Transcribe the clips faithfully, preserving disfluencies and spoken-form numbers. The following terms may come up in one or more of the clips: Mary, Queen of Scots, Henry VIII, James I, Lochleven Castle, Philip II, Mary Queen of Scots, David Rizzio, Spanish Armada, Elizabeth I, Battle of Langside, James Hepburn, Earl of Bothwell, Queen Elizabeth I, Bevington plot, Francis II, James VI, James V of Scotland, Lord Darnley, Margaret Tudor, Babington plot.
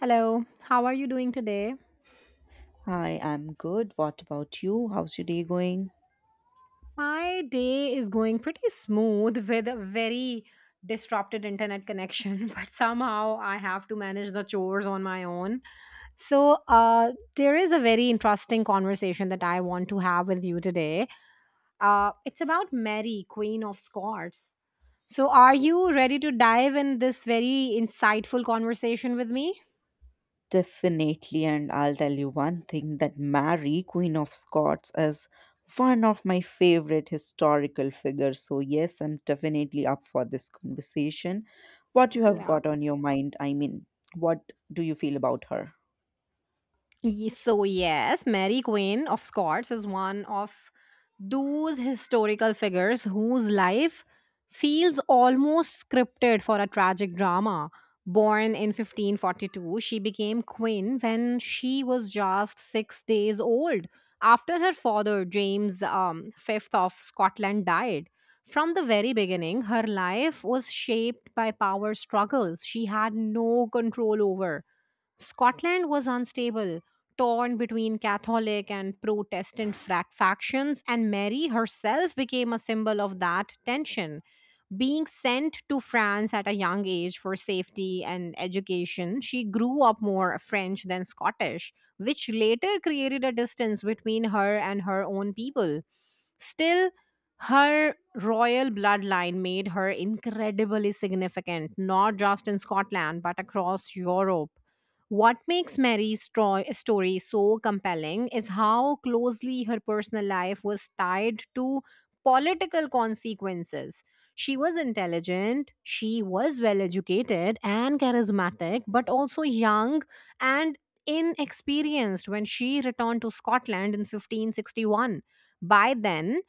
Hello, how are you doing today? Hi, I'm good. What about you? How's your day going? My day is going pretty smooth with a very disrupted internet connection, but somehow I have to manage the chores on my own. So, uh, there is a very interesting conversation that I want to have with you today. Uh, it's about Mary, Queen of Scots. So, are you ready to dive in this very insightful conversation with me? Definitely, and I'll tell you one thing that Mary, Queen of Scots, is one of my favorite historical figures. So, yes, I'm definitely up for this conversation. What you have Yeah. got on your mind? I mean, what do you feel about her? Ye- So, yes, Mary Queen of Scots is one of those historical figures whose life feels almost scripted for a tragic drama. Born in fifteen forty-two, she became queen when she was just six days old after her father, James um, fifth of Scotland, died. From the very beginning, her life was shaped by power struggles she had no control over. Scotland was unstable, torn between Catholic and Protestant frac- factions, and Mary herself became a symbol of that tension. Being sent to France at a young age for safety and education, she grew up more French than Scottish, which later created a distance between her and her own people. Still, her royal bloodline made her incredibly significant, not just in Scotland, but across Europe. What makes Mary's stro- story so compelling is how closely her personal life was tied to political consequences. She was intelligent, she was well educated and charismatic, but also young and inexperienced when she returned to Scotland in fifteen sixty-one. By then,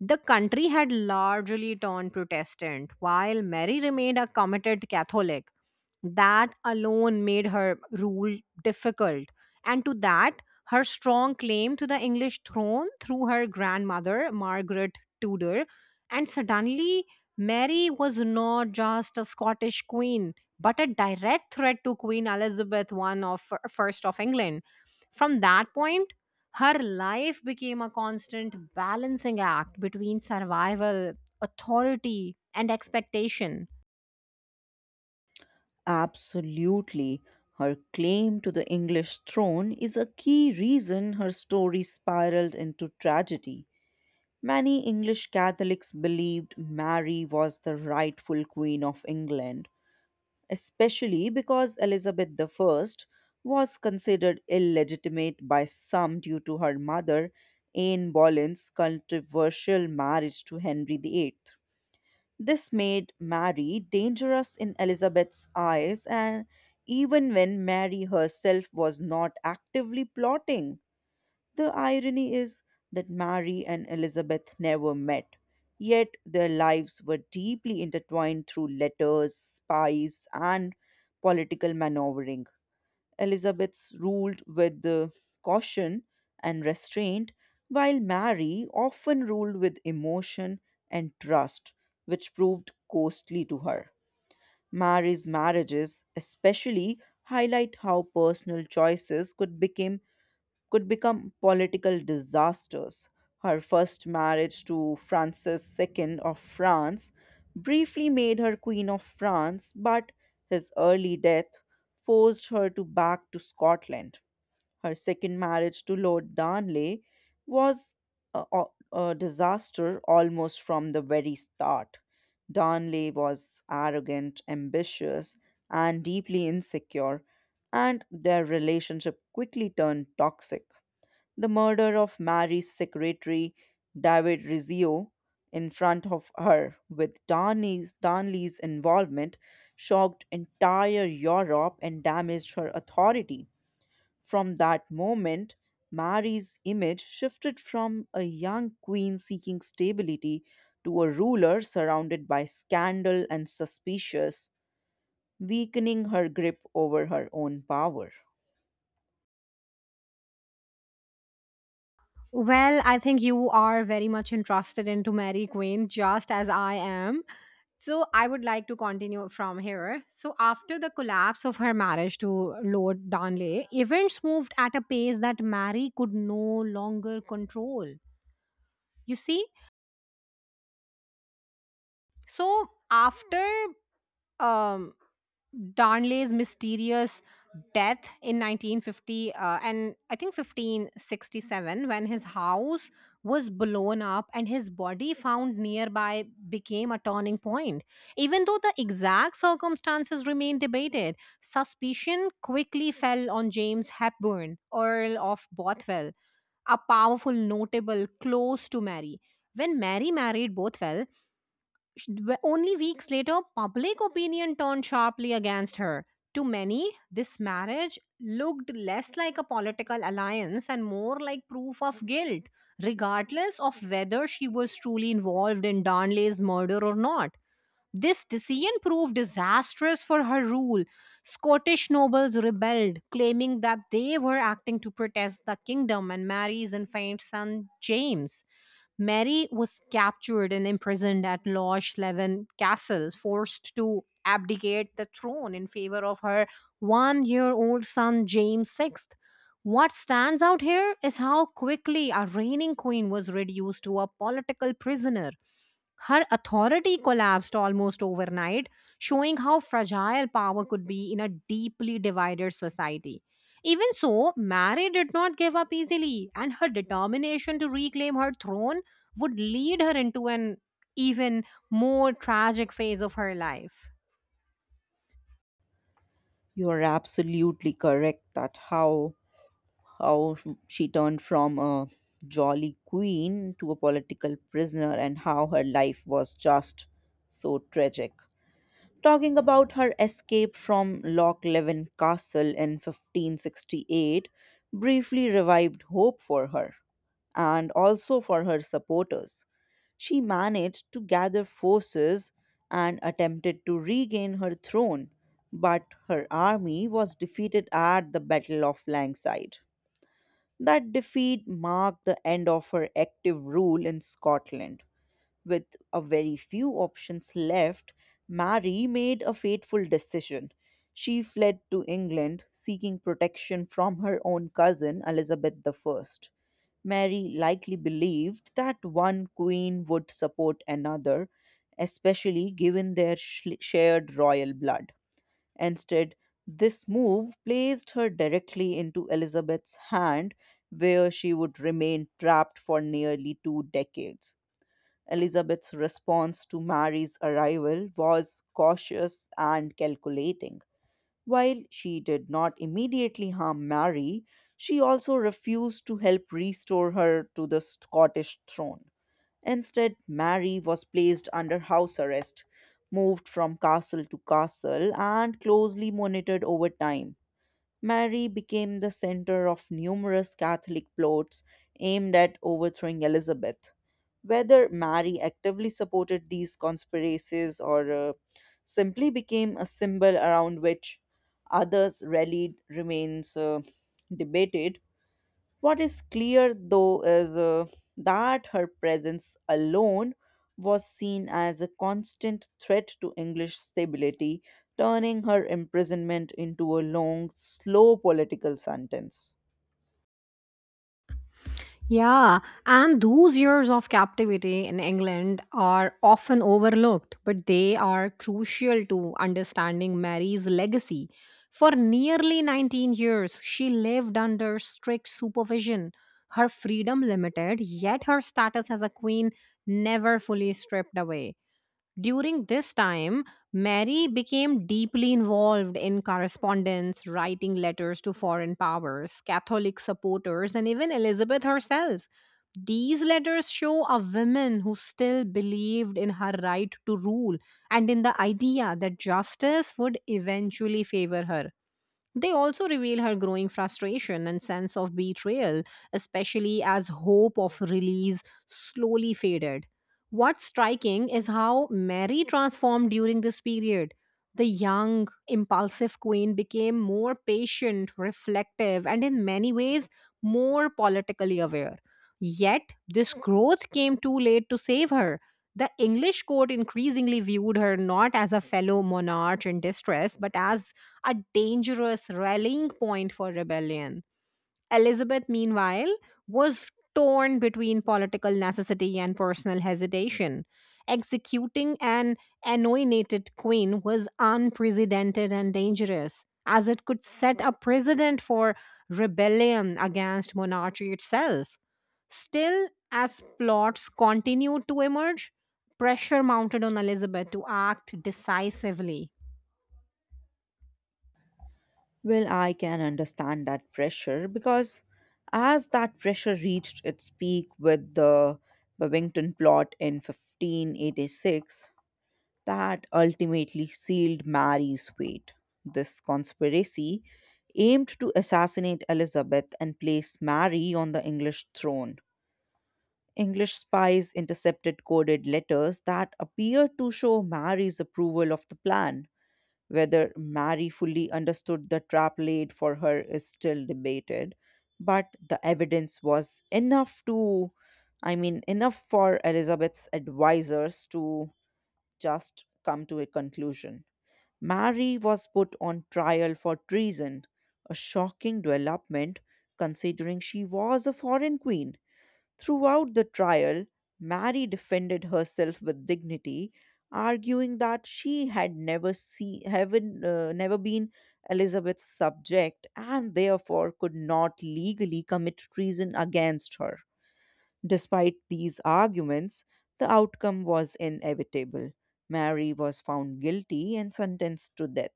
the country had largely turned Protestant, while Mary remained a committed Catholic. That alone made her rule difficult, and to that, her strong claim to the English throne through her grandmother, Margaret Tudor. And suddenly, Mary was not just a Scottish queen, but a direct threat to Queen Elizabeth the First of First of England. From that point, her life became a constant balancing act between survival, authority, and expectation. Absolutely. Her claim to the English throne is a key reason her story spiraled into tragedy. Many English Catholics believed Mary was the rightful Queen of England, especially because Elizabeth one was considered illegitimate by some due to her mother, Anne Boleyn's controversial marriage to Henry the Eighth. This made Mary dangerous in Elizabeth's eyes, and even when Mary herself was not actively plotting. The irony is that Mary and Elizabeth never met, yet their lives were deeply intertwined through letters, spies, and political maneuvering. Elizabeth ruled with the caution and restraint, while Mary often ruled with emotion and trust, which proved costly to her. Mary's marriages, especially, highlight how personal choices could become could become political disasters. Her first marriage to Francis two of France briefly made her Queen of France, but his early death forced her to back to Scotland. Her second marriage to Lord Darnley was a, a a disaster almost from the very start. Darnley was arrogant, ambitious, and deeply insecure, and their relationship quickly turned toxic. The murder of Mary's secretary, David Rizzio, in front of her, with Darnley's, Darnley's involvement, shocked entire Europe and damaged her authority. From that moment, Mary's image shifted from a young queen seeking stability to a ruler surrounded by scandal and suspicious, weakening her grip over her own power. Well, I think you are very much interested into Mary Queen, just as I am. So I would like to continue from here. So after the collapse of her marriage to Lord Darnley, events moved at a pace that Mary could no longer control. You see, so after um Darnley's mysterious death in nineteen fifty uh, and I think fifteen sixty-seven, when his house was blown up and his body found nearby, became a turning point. Even though the exact circumstances remain debated, suspicion quickly fell on James Hepburn, Earl of Bothwell, a powerful notable close to Mary. When Mary married Bothwell, Sh- w- only weeks later, public opinion turned sharply against her. To many, this marriage looked less like a political alliance and more like proof of guilt, regardless of whether she was truly involved in Darnley's murder or not. This decision proved disastrous for her rule. Scottish nobles rebelled, claiming that they were acting to protest the kingdom and Mary's infant son James. Mary was captured and imprisoned at Loch Leven Castle, forced to abdicate the throne in favor of her one year old son James six. What stands out here is how quickly a reigning queen was reduced to a political prisoner. Her authority collapsed almost overnight, showing how fragile power could be in a deeply divided society. Even so, Mary did not give up easily, and her determination to reclaim her throne would lead her into an even more tragic phase of her life. You are absolutely correct that how how sh- she turned from a jolly queen to a political prisoner and how her life was just so tragic. Talking about her escape from Lochleven Castle in fifteen sixty-eight briefly revived hope for her and also for her supporters. She managed to gather forces and attempted to regain her throne, but her army was defeated at the Battle of Langside. That defeat marked the end of her active rule in Scotland. With a very few options left, Mary made a fateful decision. She fled to England, seeking protection from her own cousin Elizabeth one. Mary likely believed that one queen would support another, especially given their sh- shared royal blood. Instead, this move placed her directly into Elizabeth's hand, where she would remain trapped for nearly two decades. Elizabeth's response to Mary's arrival was cautious and calculating. While she did not immediately harm Mary, she also refused to help restore her to the Scottish throne. Instead, Mary was placed under house arrest, moved from castle to castle, and closely monitored over time. Mary became the center of numerous Catholic plots aimed at overthrowing Elizabeth. Whether Mary actively supported these conspiracies or uh, simply became a symbol around which others rallied remains uh, debated. What is clear, though, is uh, that her presence alone was seen as a constant threat to English stability, turning her imprisonment into a long, slow political sentence. Yeah, and those years of captivity in England are often overlooked, but they are crucial to understanding Mary's legacy. For nearly nineteen years, she lived under strict supervision, her freedom limited, yet her status as a queen never fully stripped away. During this time, Mary became deeply involved in correspondence, writing letters to foreign powers, Catholic supporters, and even Elizabeth herself. These letters show a woman who still believed in her right to rule and in the idea that justice would eventually favor her. They also reveal her growing frustration and sense of betrayal, especially as hope of release slowly faded. What's striking is how Mary transformed during this period. The young, impulsive queen became more patient, reflective, and in many ways more politically aware. Yet, this growth came too late to save her. The English court increasingly viewed her not as a fellow monarch in distress, but as a dangerous rallying point for rebellion. Elizabeth, meanwhile, was torn between political necessity and personal hesitation. Executing an anointed queen was unprecedented and dangerous, as it could set a precedent for rebellion against monarchy itself. Still, as plots continued to emerge, pressure mounted on Elizabeth to act decisively. Well, I can understand that pressure because as that pressure reached its peak with the Bevington plot in fifteen eighty-six, that ultimately sealed Mary's fate. This conspiracy aimed to assassinate Elizabeth and place Mary on the English throne. English spies intercepted coded letters that appeared to show Mary's approval of the plan. Whether Mary fully understood the trap laid for her is still debated, but the evidence was enough to, I mean, enough for Elizabeth's advisors to just come to a conclusion. Mary was put on trial for treason, a shocking development considering she was a foreign queen. Throughout the trial, Mary defended herself with dignity, arguing that she had never see, haven, uh, never been Elizabeth's subject and therefore could not legally commit treason against her. Despite these arguments, the outcome was inevitable. Mary was found guilty and sentenced to death.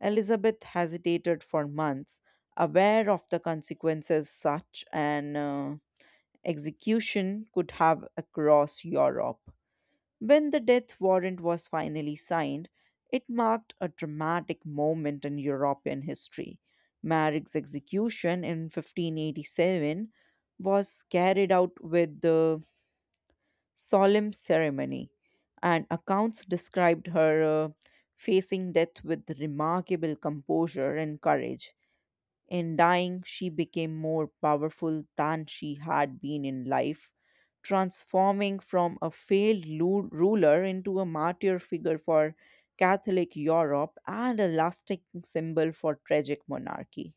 Elizabeth hesitated for months, aware of the consequences such an uh, execution could have across Europe. When the death warrant was finally signed, it marked a dramatic moment in European history. Marig's execution in fifteen eighty-seven was carried out with the solemn ceremony, and accounts described her uh, facing death with remarkable composure and courage. In dying, she became more powerful than she had been in life, transforming from a failed lu- ruler into a martyr figure for Catholic Europe and a lasting symbol for tragic monarchy.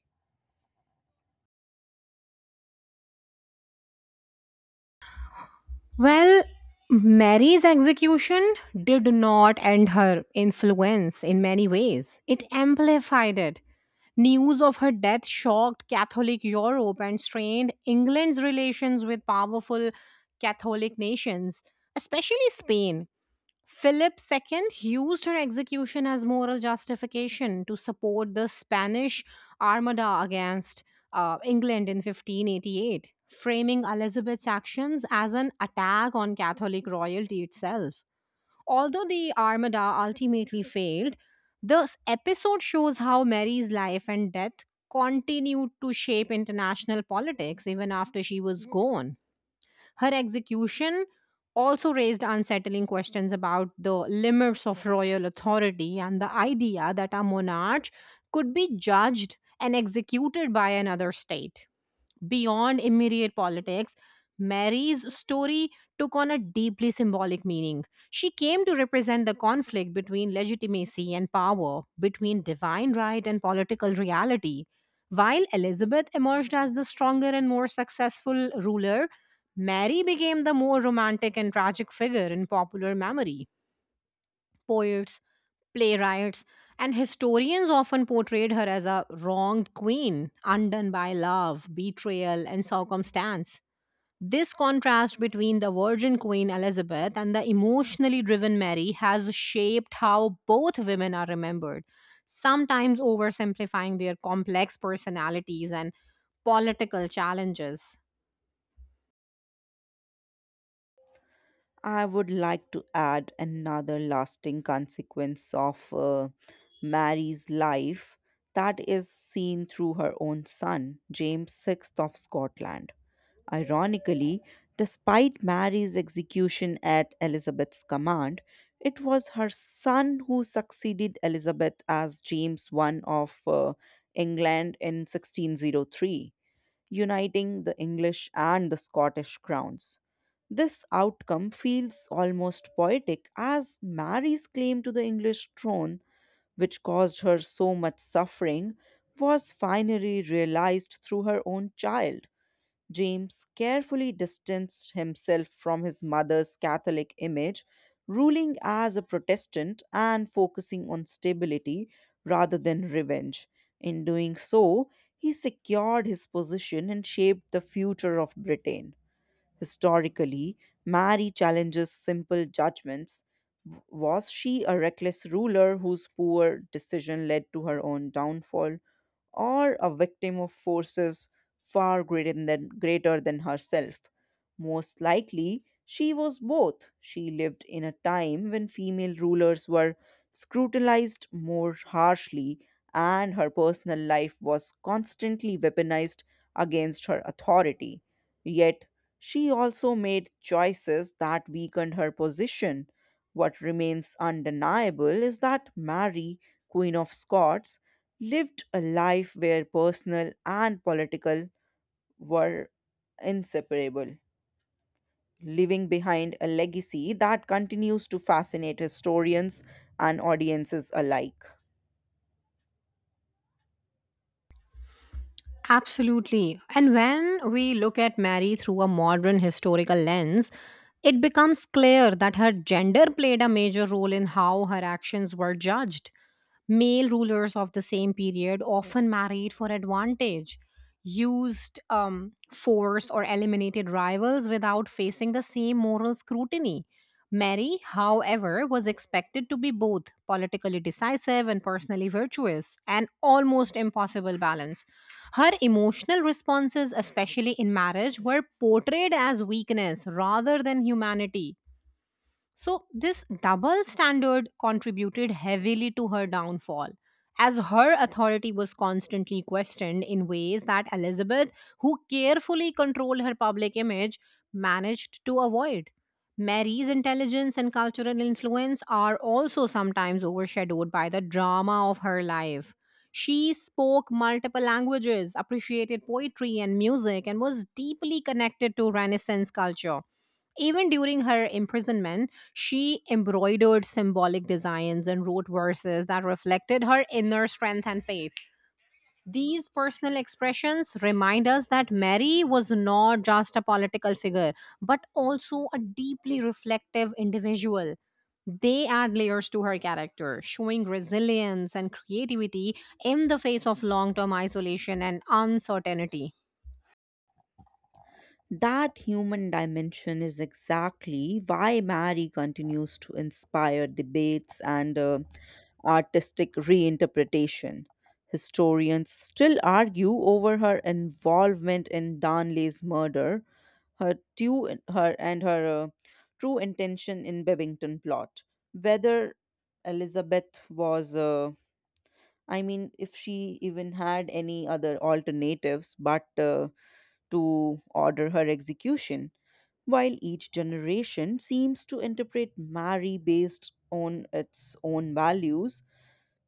Well, Mary's execution did not end her influence. In many ways, it amplified it. News of her death shocked Catholic Europe and strained England's relations with powerful Catholic nations, especially Spain. Philip the Second used her execution as moral justification to support the Spanish Armada against uh, England in fifteen eighty-eight, framing Elizabeth's actions as an attack on Catholic royalty itself. Although the Armada ultimately failed, this episode shows how Mary's life and death continued to shape international politics even after she was gone. Her execution also raised unsettling questions about the limits of royal authority and the idea that a monarch could be judged and executed by another state. Beyond immediate politics, Mary's story took on a deeply symbolic meaning. She came to represent the conflict between legitimacy and power, between divine right and political reality. While Elizabeth emerged as the stronger and more successful ruler, Mary became the more romantic and tragic figure in popular memory. Poets, playwrights, and historians often portrayed her as a wronged queen, undone by love, betrayal, and circumstance. This contrast between the virgin Queen Elizabeth and the emotionally driven Mary has shaped how both women are remembered, sometimes oversimplifying their complex personalities and political challenges. I would like to add another lasting consequence of uh, Mary's life that is seen through her own son, James six of Scotland. Ironically, despite Mary's execution at Elizabeth's command, it was her son who succeeded Elizabeth as James I of uh, England in sixteen oh three, uniting the English and the Scottish crowns. This outcome feels almost poetic as Mary's claim to the English throne, which caused her so much suffering, was finally realized through her own child. James carefully distanced himself from his mother's Catholic image, ruling as a Protestant and focusing on stability rather than revenge. In doing so, he secured his position and shaped the future of Britain. Historically, Mary challenges simple judgments. W- Was she a reckless ruler whose poor decision led to her own downfall, or a victim of forces far greater than, greater than herself? Most likely, she was both. She lived in a time when female rulers were scrutinized more harshly, and her personal life was constantly weaponized against her authority. Yet, she also made choices that weakened her position. What remains undeniable is that Mary, Queen of Scots, lived a life where personal and political were inseparable, leaving behind a legacy that continues to fascinate historians and audiences alike. Absolutely. And when we look at Mary through a modern historical lens, it becomes clear that her gender played a major role in how her actions were judged. Male rulers of the same period often married for advantage, used um, force, or eliminated rivals without facing the same moral scrutiny. Mary, however, was expected to be both politically decisive and personally virtuous, an almost impossible balance. Her emotional responses, especially in marriage, were portrayed as weakness rather than humanity, so this double standard contributed heavily to her downfall, as her authority was constantly questioned in ways that Elizabeth, who carefully controlled her public image, managed to avoid. Mary's intelligence and cultural influence are also sometimes overshadowed by the drama of her life. She spoke multiple languages, appreciated poetry and music, and was deeply connected to Renaissance culture. Even during her imprisonment, she embroidered symbolic designs and wrote verses that reflected her inner strength and faith. These personal expressions remind us that Mary was not just a political figure, but also a deeply reflective individual. They add layers to her character, showing resilience and creativity in the face of long term isolation and uncertainty. That human dimension is exactly why Mary continues to inspire debates and uh, artistic reinterpretation. Historians still argue over her involvement in Darnley's murder, her, two, her and her uh, true intention in Babington plot. Whether Elizabeth was, uh, I mean, if she even had any other alternatives but uh, to order her execution, while each generation seems to interpret Mary based on its own values.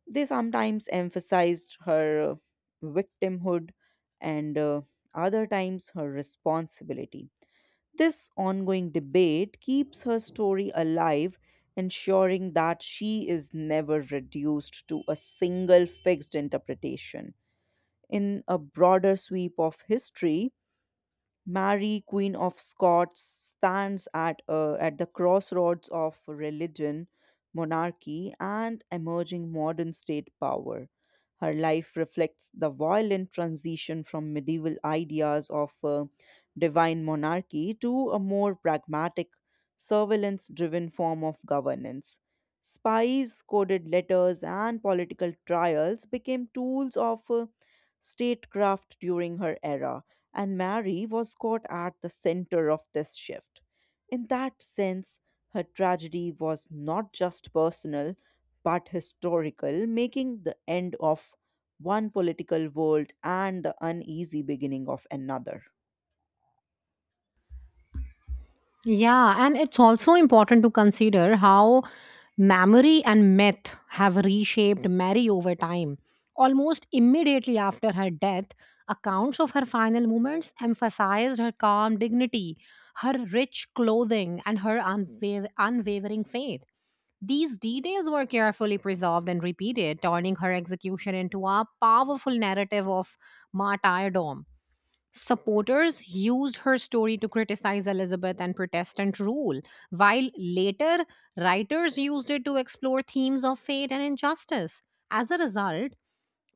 They sometimes emphasized her uh, victimhood and uh, other times her responsibility. This ongoing debate keeps her story alive, ensuring that she is never reduced to a single fixed interpretation. In a broader sweep of history, Mary, Queen of Scots, stands at, uh, at the crossroads of religion, monarchy, and emerging modern state power. Her life reflects the violent transition from medieval ideas of uh, divine monarchy to a more pragmatic, surveillance driven form of governance. Spies, coded letters, and political trials became tools of uh, statecraft during her era, and Mary was caught at the center of this shift. In that sense, her tragedy was not just personal but historical, making the end of one political world and the uneasy beginning of another. Yeah, and it's also important to consider how memory and myth have reshaped Mary over time. Almost immediately after her death, accounts of her final moments emphasized her calm dignity, her rich clothing, and her unwav- unwavering faith. These details were carefully preserved and repeated, turning her execution into a powerful narrative of martyrdom. Supporters used her story to criticize Elizabeth and Protestant rule, while later writers used it to explore themes of fate and injustice. As a result,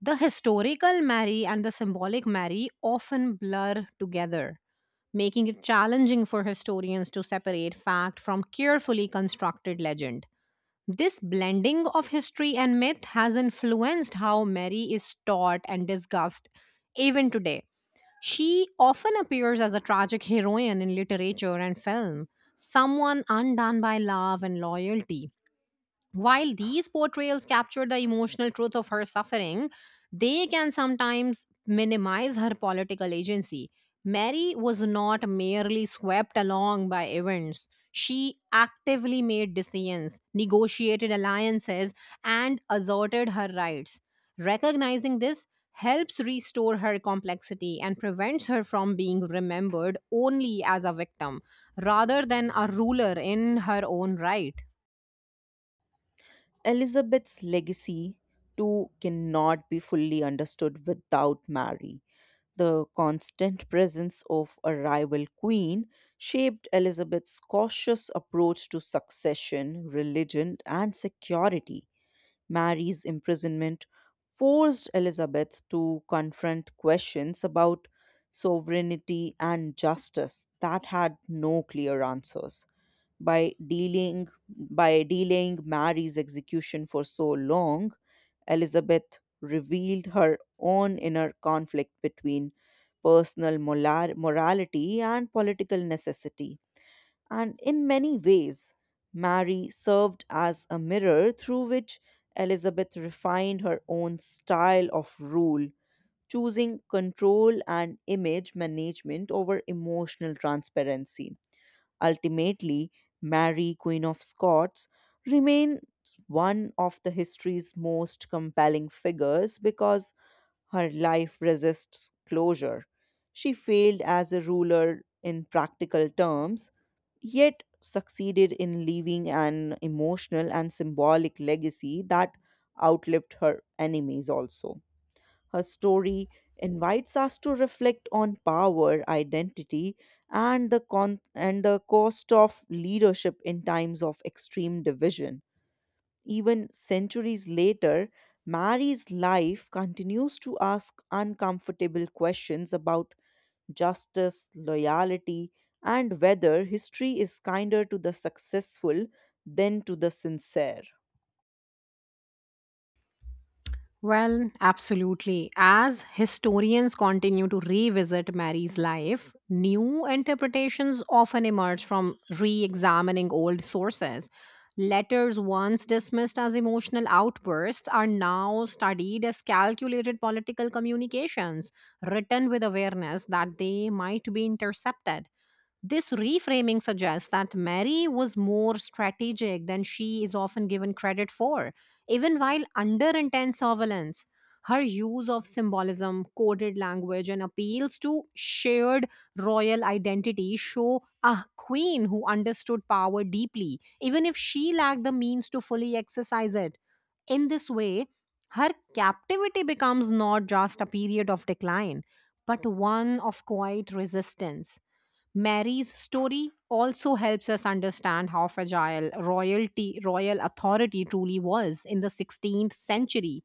the historical Mary and the symbolic Mary often blur together, making it challenging for historians to separate fact from carefully constructed legend. This blending of history and myth has influenced how Mary is taught and discussed even today. She often appears as a tragic heroine in literature and film, someone undone by love and loyalty. While these portrayals capture the emotional truth of her suffering, they can sometimes minimize her political agency. Mary was not merely swept along by events. She actively made decisions, negotiated alliances, and asserted her rights. Recognizing this helps restore her complexity and prevents her from being remembered only as a victim rather than a ruler in her own right. Elizabeth's legacy, too, cannot be fully understood without Mary. The constant presence of a rival queen shaped Elizabeth's cautious approach to succession, religion, and security. Mary's imprisonment forced Elizabeth to confront questions about sovereignty and justice that had no clear answers. By dealing by delaying Mary's execution for so long, Elizabeth revealed her own inner conflict between personal molar- morality and political necessity. And in many ways, Mary served as a mirror through which Elizabeth refined her own style of rule, choosing control and image management over emotional transparency. Ultimately, Mary, Queen of Scots, remains one of the history's most compelling figures because her life resists closure. She failed as a ruler in practical terms, yet succeeded in leaving an emotional and symbolic legacy that outlived her enemies also. Her story invites us to reflect on power, identity, and the con- and the cost of leadership in times of extreme division. Even centuries later, Mary's life continues to ask uncomfortable questions about justice, loyalty, and whether history is kinder to the successful than to the sincere. Well, absolutely. As historians continue to revisit Mary's life, new interpretations often emerge from re examining old sources. Letters once dismissed as emotional outbursts are now studied as calculated political communications, written with awareness that they might be intercepted. This reframing suggests that Mary was more strategic than she is often given credit for, even while under intense surveillance. Her use of symbolism, coded language, and appeals to shared royal identity show a queen who understood power deeply, even if she lacked the means to fully exercise it. In this way, her captivity becomes not just a period of decline, but one of quiet resistance. Mary's story also helps us understand how fragile royalty, royal authority truly was in the sixteenth century.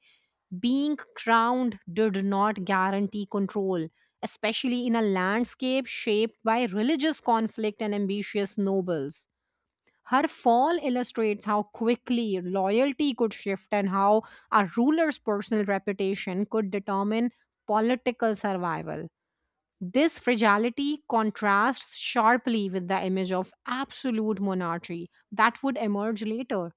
Being crowned did not guarantee control, especially in a landscape shaped by religious conflict and ambitious nobles. Her fall illustrates how quickly loyalty could shift and how a ruler's personal reputation could determine political survival. This fragility contrasts sharply with the image of absolute monarchy that would emerge later.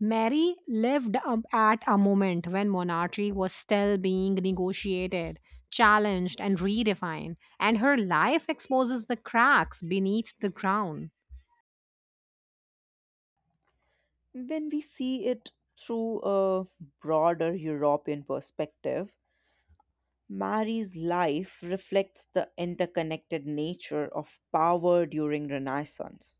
Mary lived um, at a moment when monarchy was still being negotiated, challenged, and redefined, and her life exposes the cracks beneath the crown. When we see it through a broader European perspective, Mary's life reflects the interconnected nature of power during Renaissance.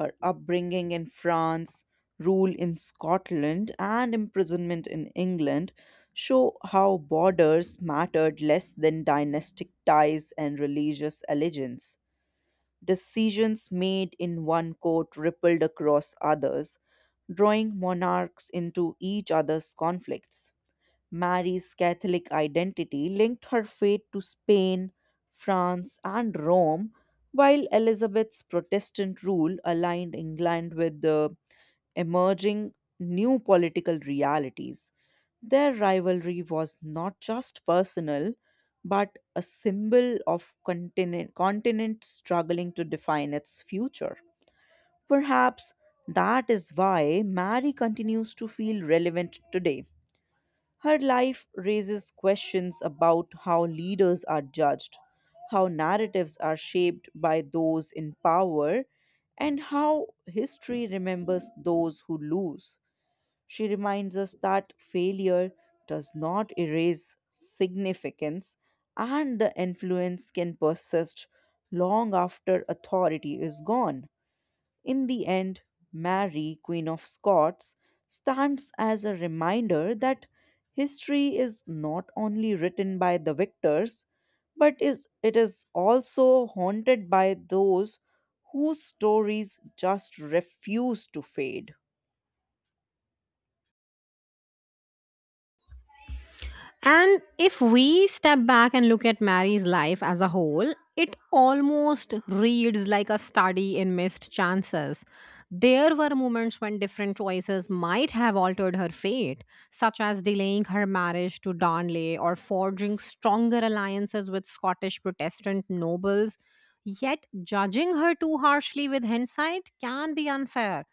Her upbringing in France, rule in Scotland, and imprisonment in England show how borders mattered less than dynastic ties and religious allegiance. Decisions made in one court rippled across others, drawing monarchs into each other's conflicts. Mary's Catholic identity linked her fate to Spain, France, and Rome, while Elizabeth's Protestant rule aligned England with the emerging new political realities. Their rivalry was not just personal, but a symbol of continent, continent struggling to define its future. Perhaps that is why Mary continues to feel relevant today. Her life raises questions about how leaders are judged, how narratives are shaped by those in power, and how history remembers those who lose. She reminds us that failure does not erase significance and the influence can persist long after authority is gone. In the end, Mary, Queen of Scots, stands as a reminder that history is not only written by the victors, but is, it is also haunted by those whose stories just refuse to fade. And if we step back and look at Mary's life as a whole, it almost reads like a study in missed chances. There were moments when different choices might have altered her fate, such as delaying her marriage to Darnley or forging stronger alliances with Scottish Protestant nobles. Yet, judging her too harshly with hindsight can be unfair.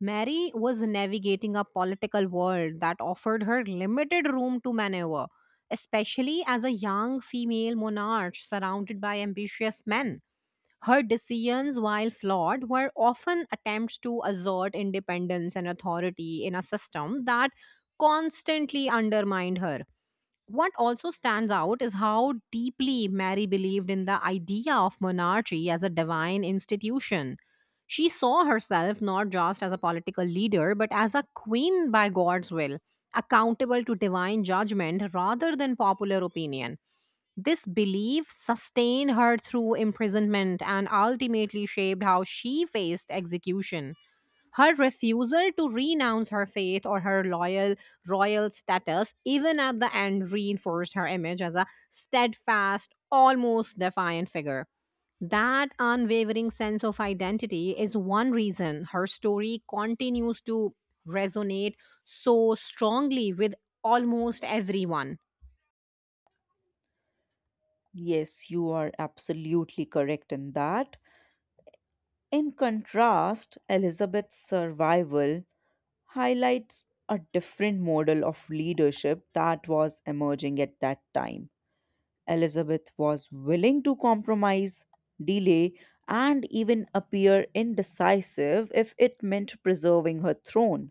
Mary was navigating a political world that offered her limited room to maneuver, especially as a young female monarch surrounded by ambitious men. Her decisions, while flawed, were often attempts to assert independence and authority in a system that constantly undermined her. What also stands out is how deeply Mary believed in the idea of monarchy as a divine institution. She saw herself not just as a political leader, but as a queen by God's will, accountable to divine judgment rather than popular opinion. This belief sustained her through imprisonment and ultimately shaped how she faced execution. Her refusal to renounce her faith or her loyal royal status, even at the end, reinforced her image as a steadfast, almost defiant figure. That unwavering sense of identity is one reason her story continues to resonate so strongly with almost everyone. Yes, you are absolutely correct in that. In contrast, Elizabeth's survival highlights a different model of leadership that was emerging at that time. Elizabeth was willing to compromise, delay, and even appear indecisive if it meant preserving her throne.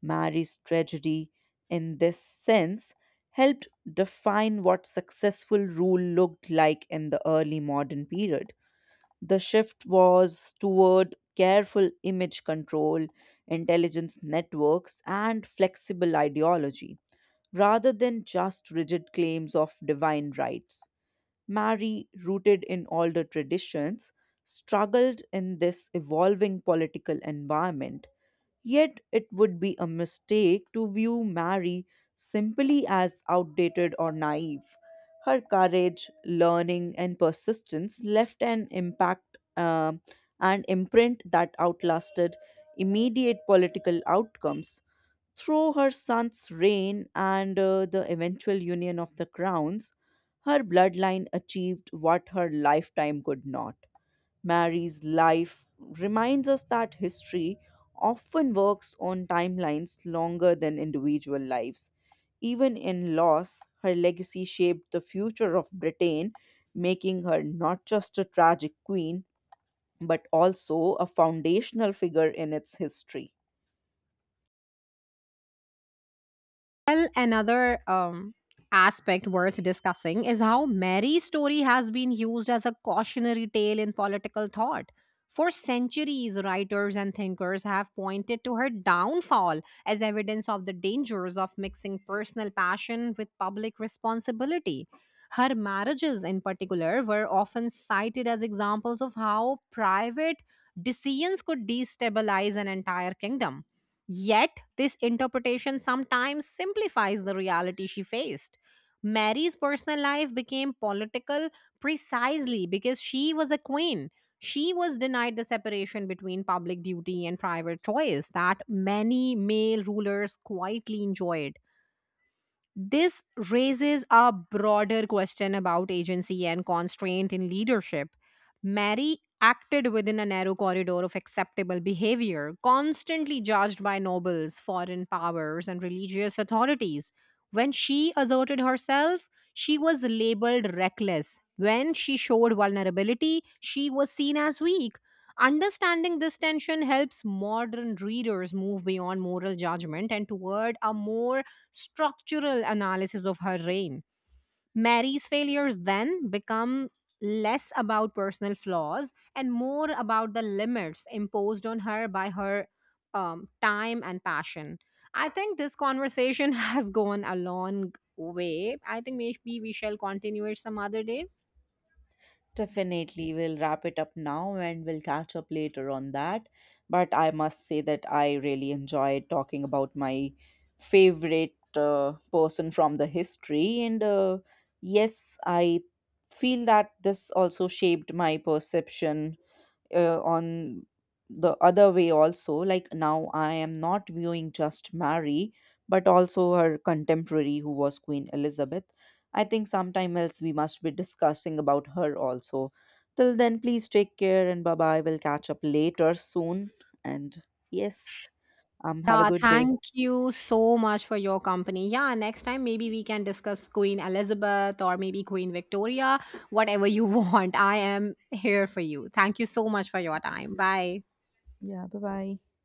Mary's tragedy, in this sense, helped define what successful rule looked like in the early modern period. The shift was toward careful image control, intelligence networks, and flexible ideology, rather than just rigid claims of divine rights. Mary, rooted in older traditions, struggled in this evolving political environment. Yet it would be a mistake to view Mary simply as outdated or naive. Her courage, learning, and persistence left an impact um, and imprint that outlasted immediate political outcomes. Through her son's reign and uh, the eventual union of the crowns, her bloodline achieved what her lifetime could not. Mary's life reminds us that history often works on timelines longer than individual lives. Even in loss, her legacy shaped the future of Britain, making her not just a tragic queen, but also a foundational figure in its history. Well, another um, aspect worth discussing is how Mary's story has been used as a cautionary tale in political thought. For centuries, writers and thinkers have pointed to her downfall as evidence of the dangers of mixing personal passion with public responsibility. Her marriages, in particular, were often cited as examples of how private decisions could destabilize an entire kingdom. Yet, this interpretation sometimes simplifies the reality she faced. Mary's personal life became political precisely because she was a queen. She was denied the separation between public duty and private choice that many male rulers quietly enjoyed. This raises a broader question about agency and constraint in leadership. Mary acted within a narrow corridor of acceptable behavior, constantly judged by nobles, foreign powers, and religious authorities. When she asserted herself, she was labeled reckless. When she showed vulnerability, she was seen as weak. Understanding this tension helps modern readers move beyond moral judgment and toward a more structural analysis of her reign. Mary's failures then become less about personal flaws and more about the limits imposed on her by her um, time and passion. I think this conversation has gone a long way. I think maybe we shall continue it some other day. Definitely, we'll wrap it up now and we'll catch up later on that. But I must say that I really enjoyed talking about my favorite uh, person from the history. And uh, yes, I feel that this also shaped my perception uh, on the other way also, like now I am not viewing just Mary, but also her contemporary who was Queen Elizabeth. I think sometime else we must be discussing about her also. Till then, please take care and bye bye, we'll catch up later soon. And yes, um have a Yeah, good day. thank you so much for your company. Yeah, next time maybe we can discuss Queen Elizabeth or maybe Queen Victoria, whatever you want. I am here for you. Thank you so much for your time. Bye. Yeah, bye bye.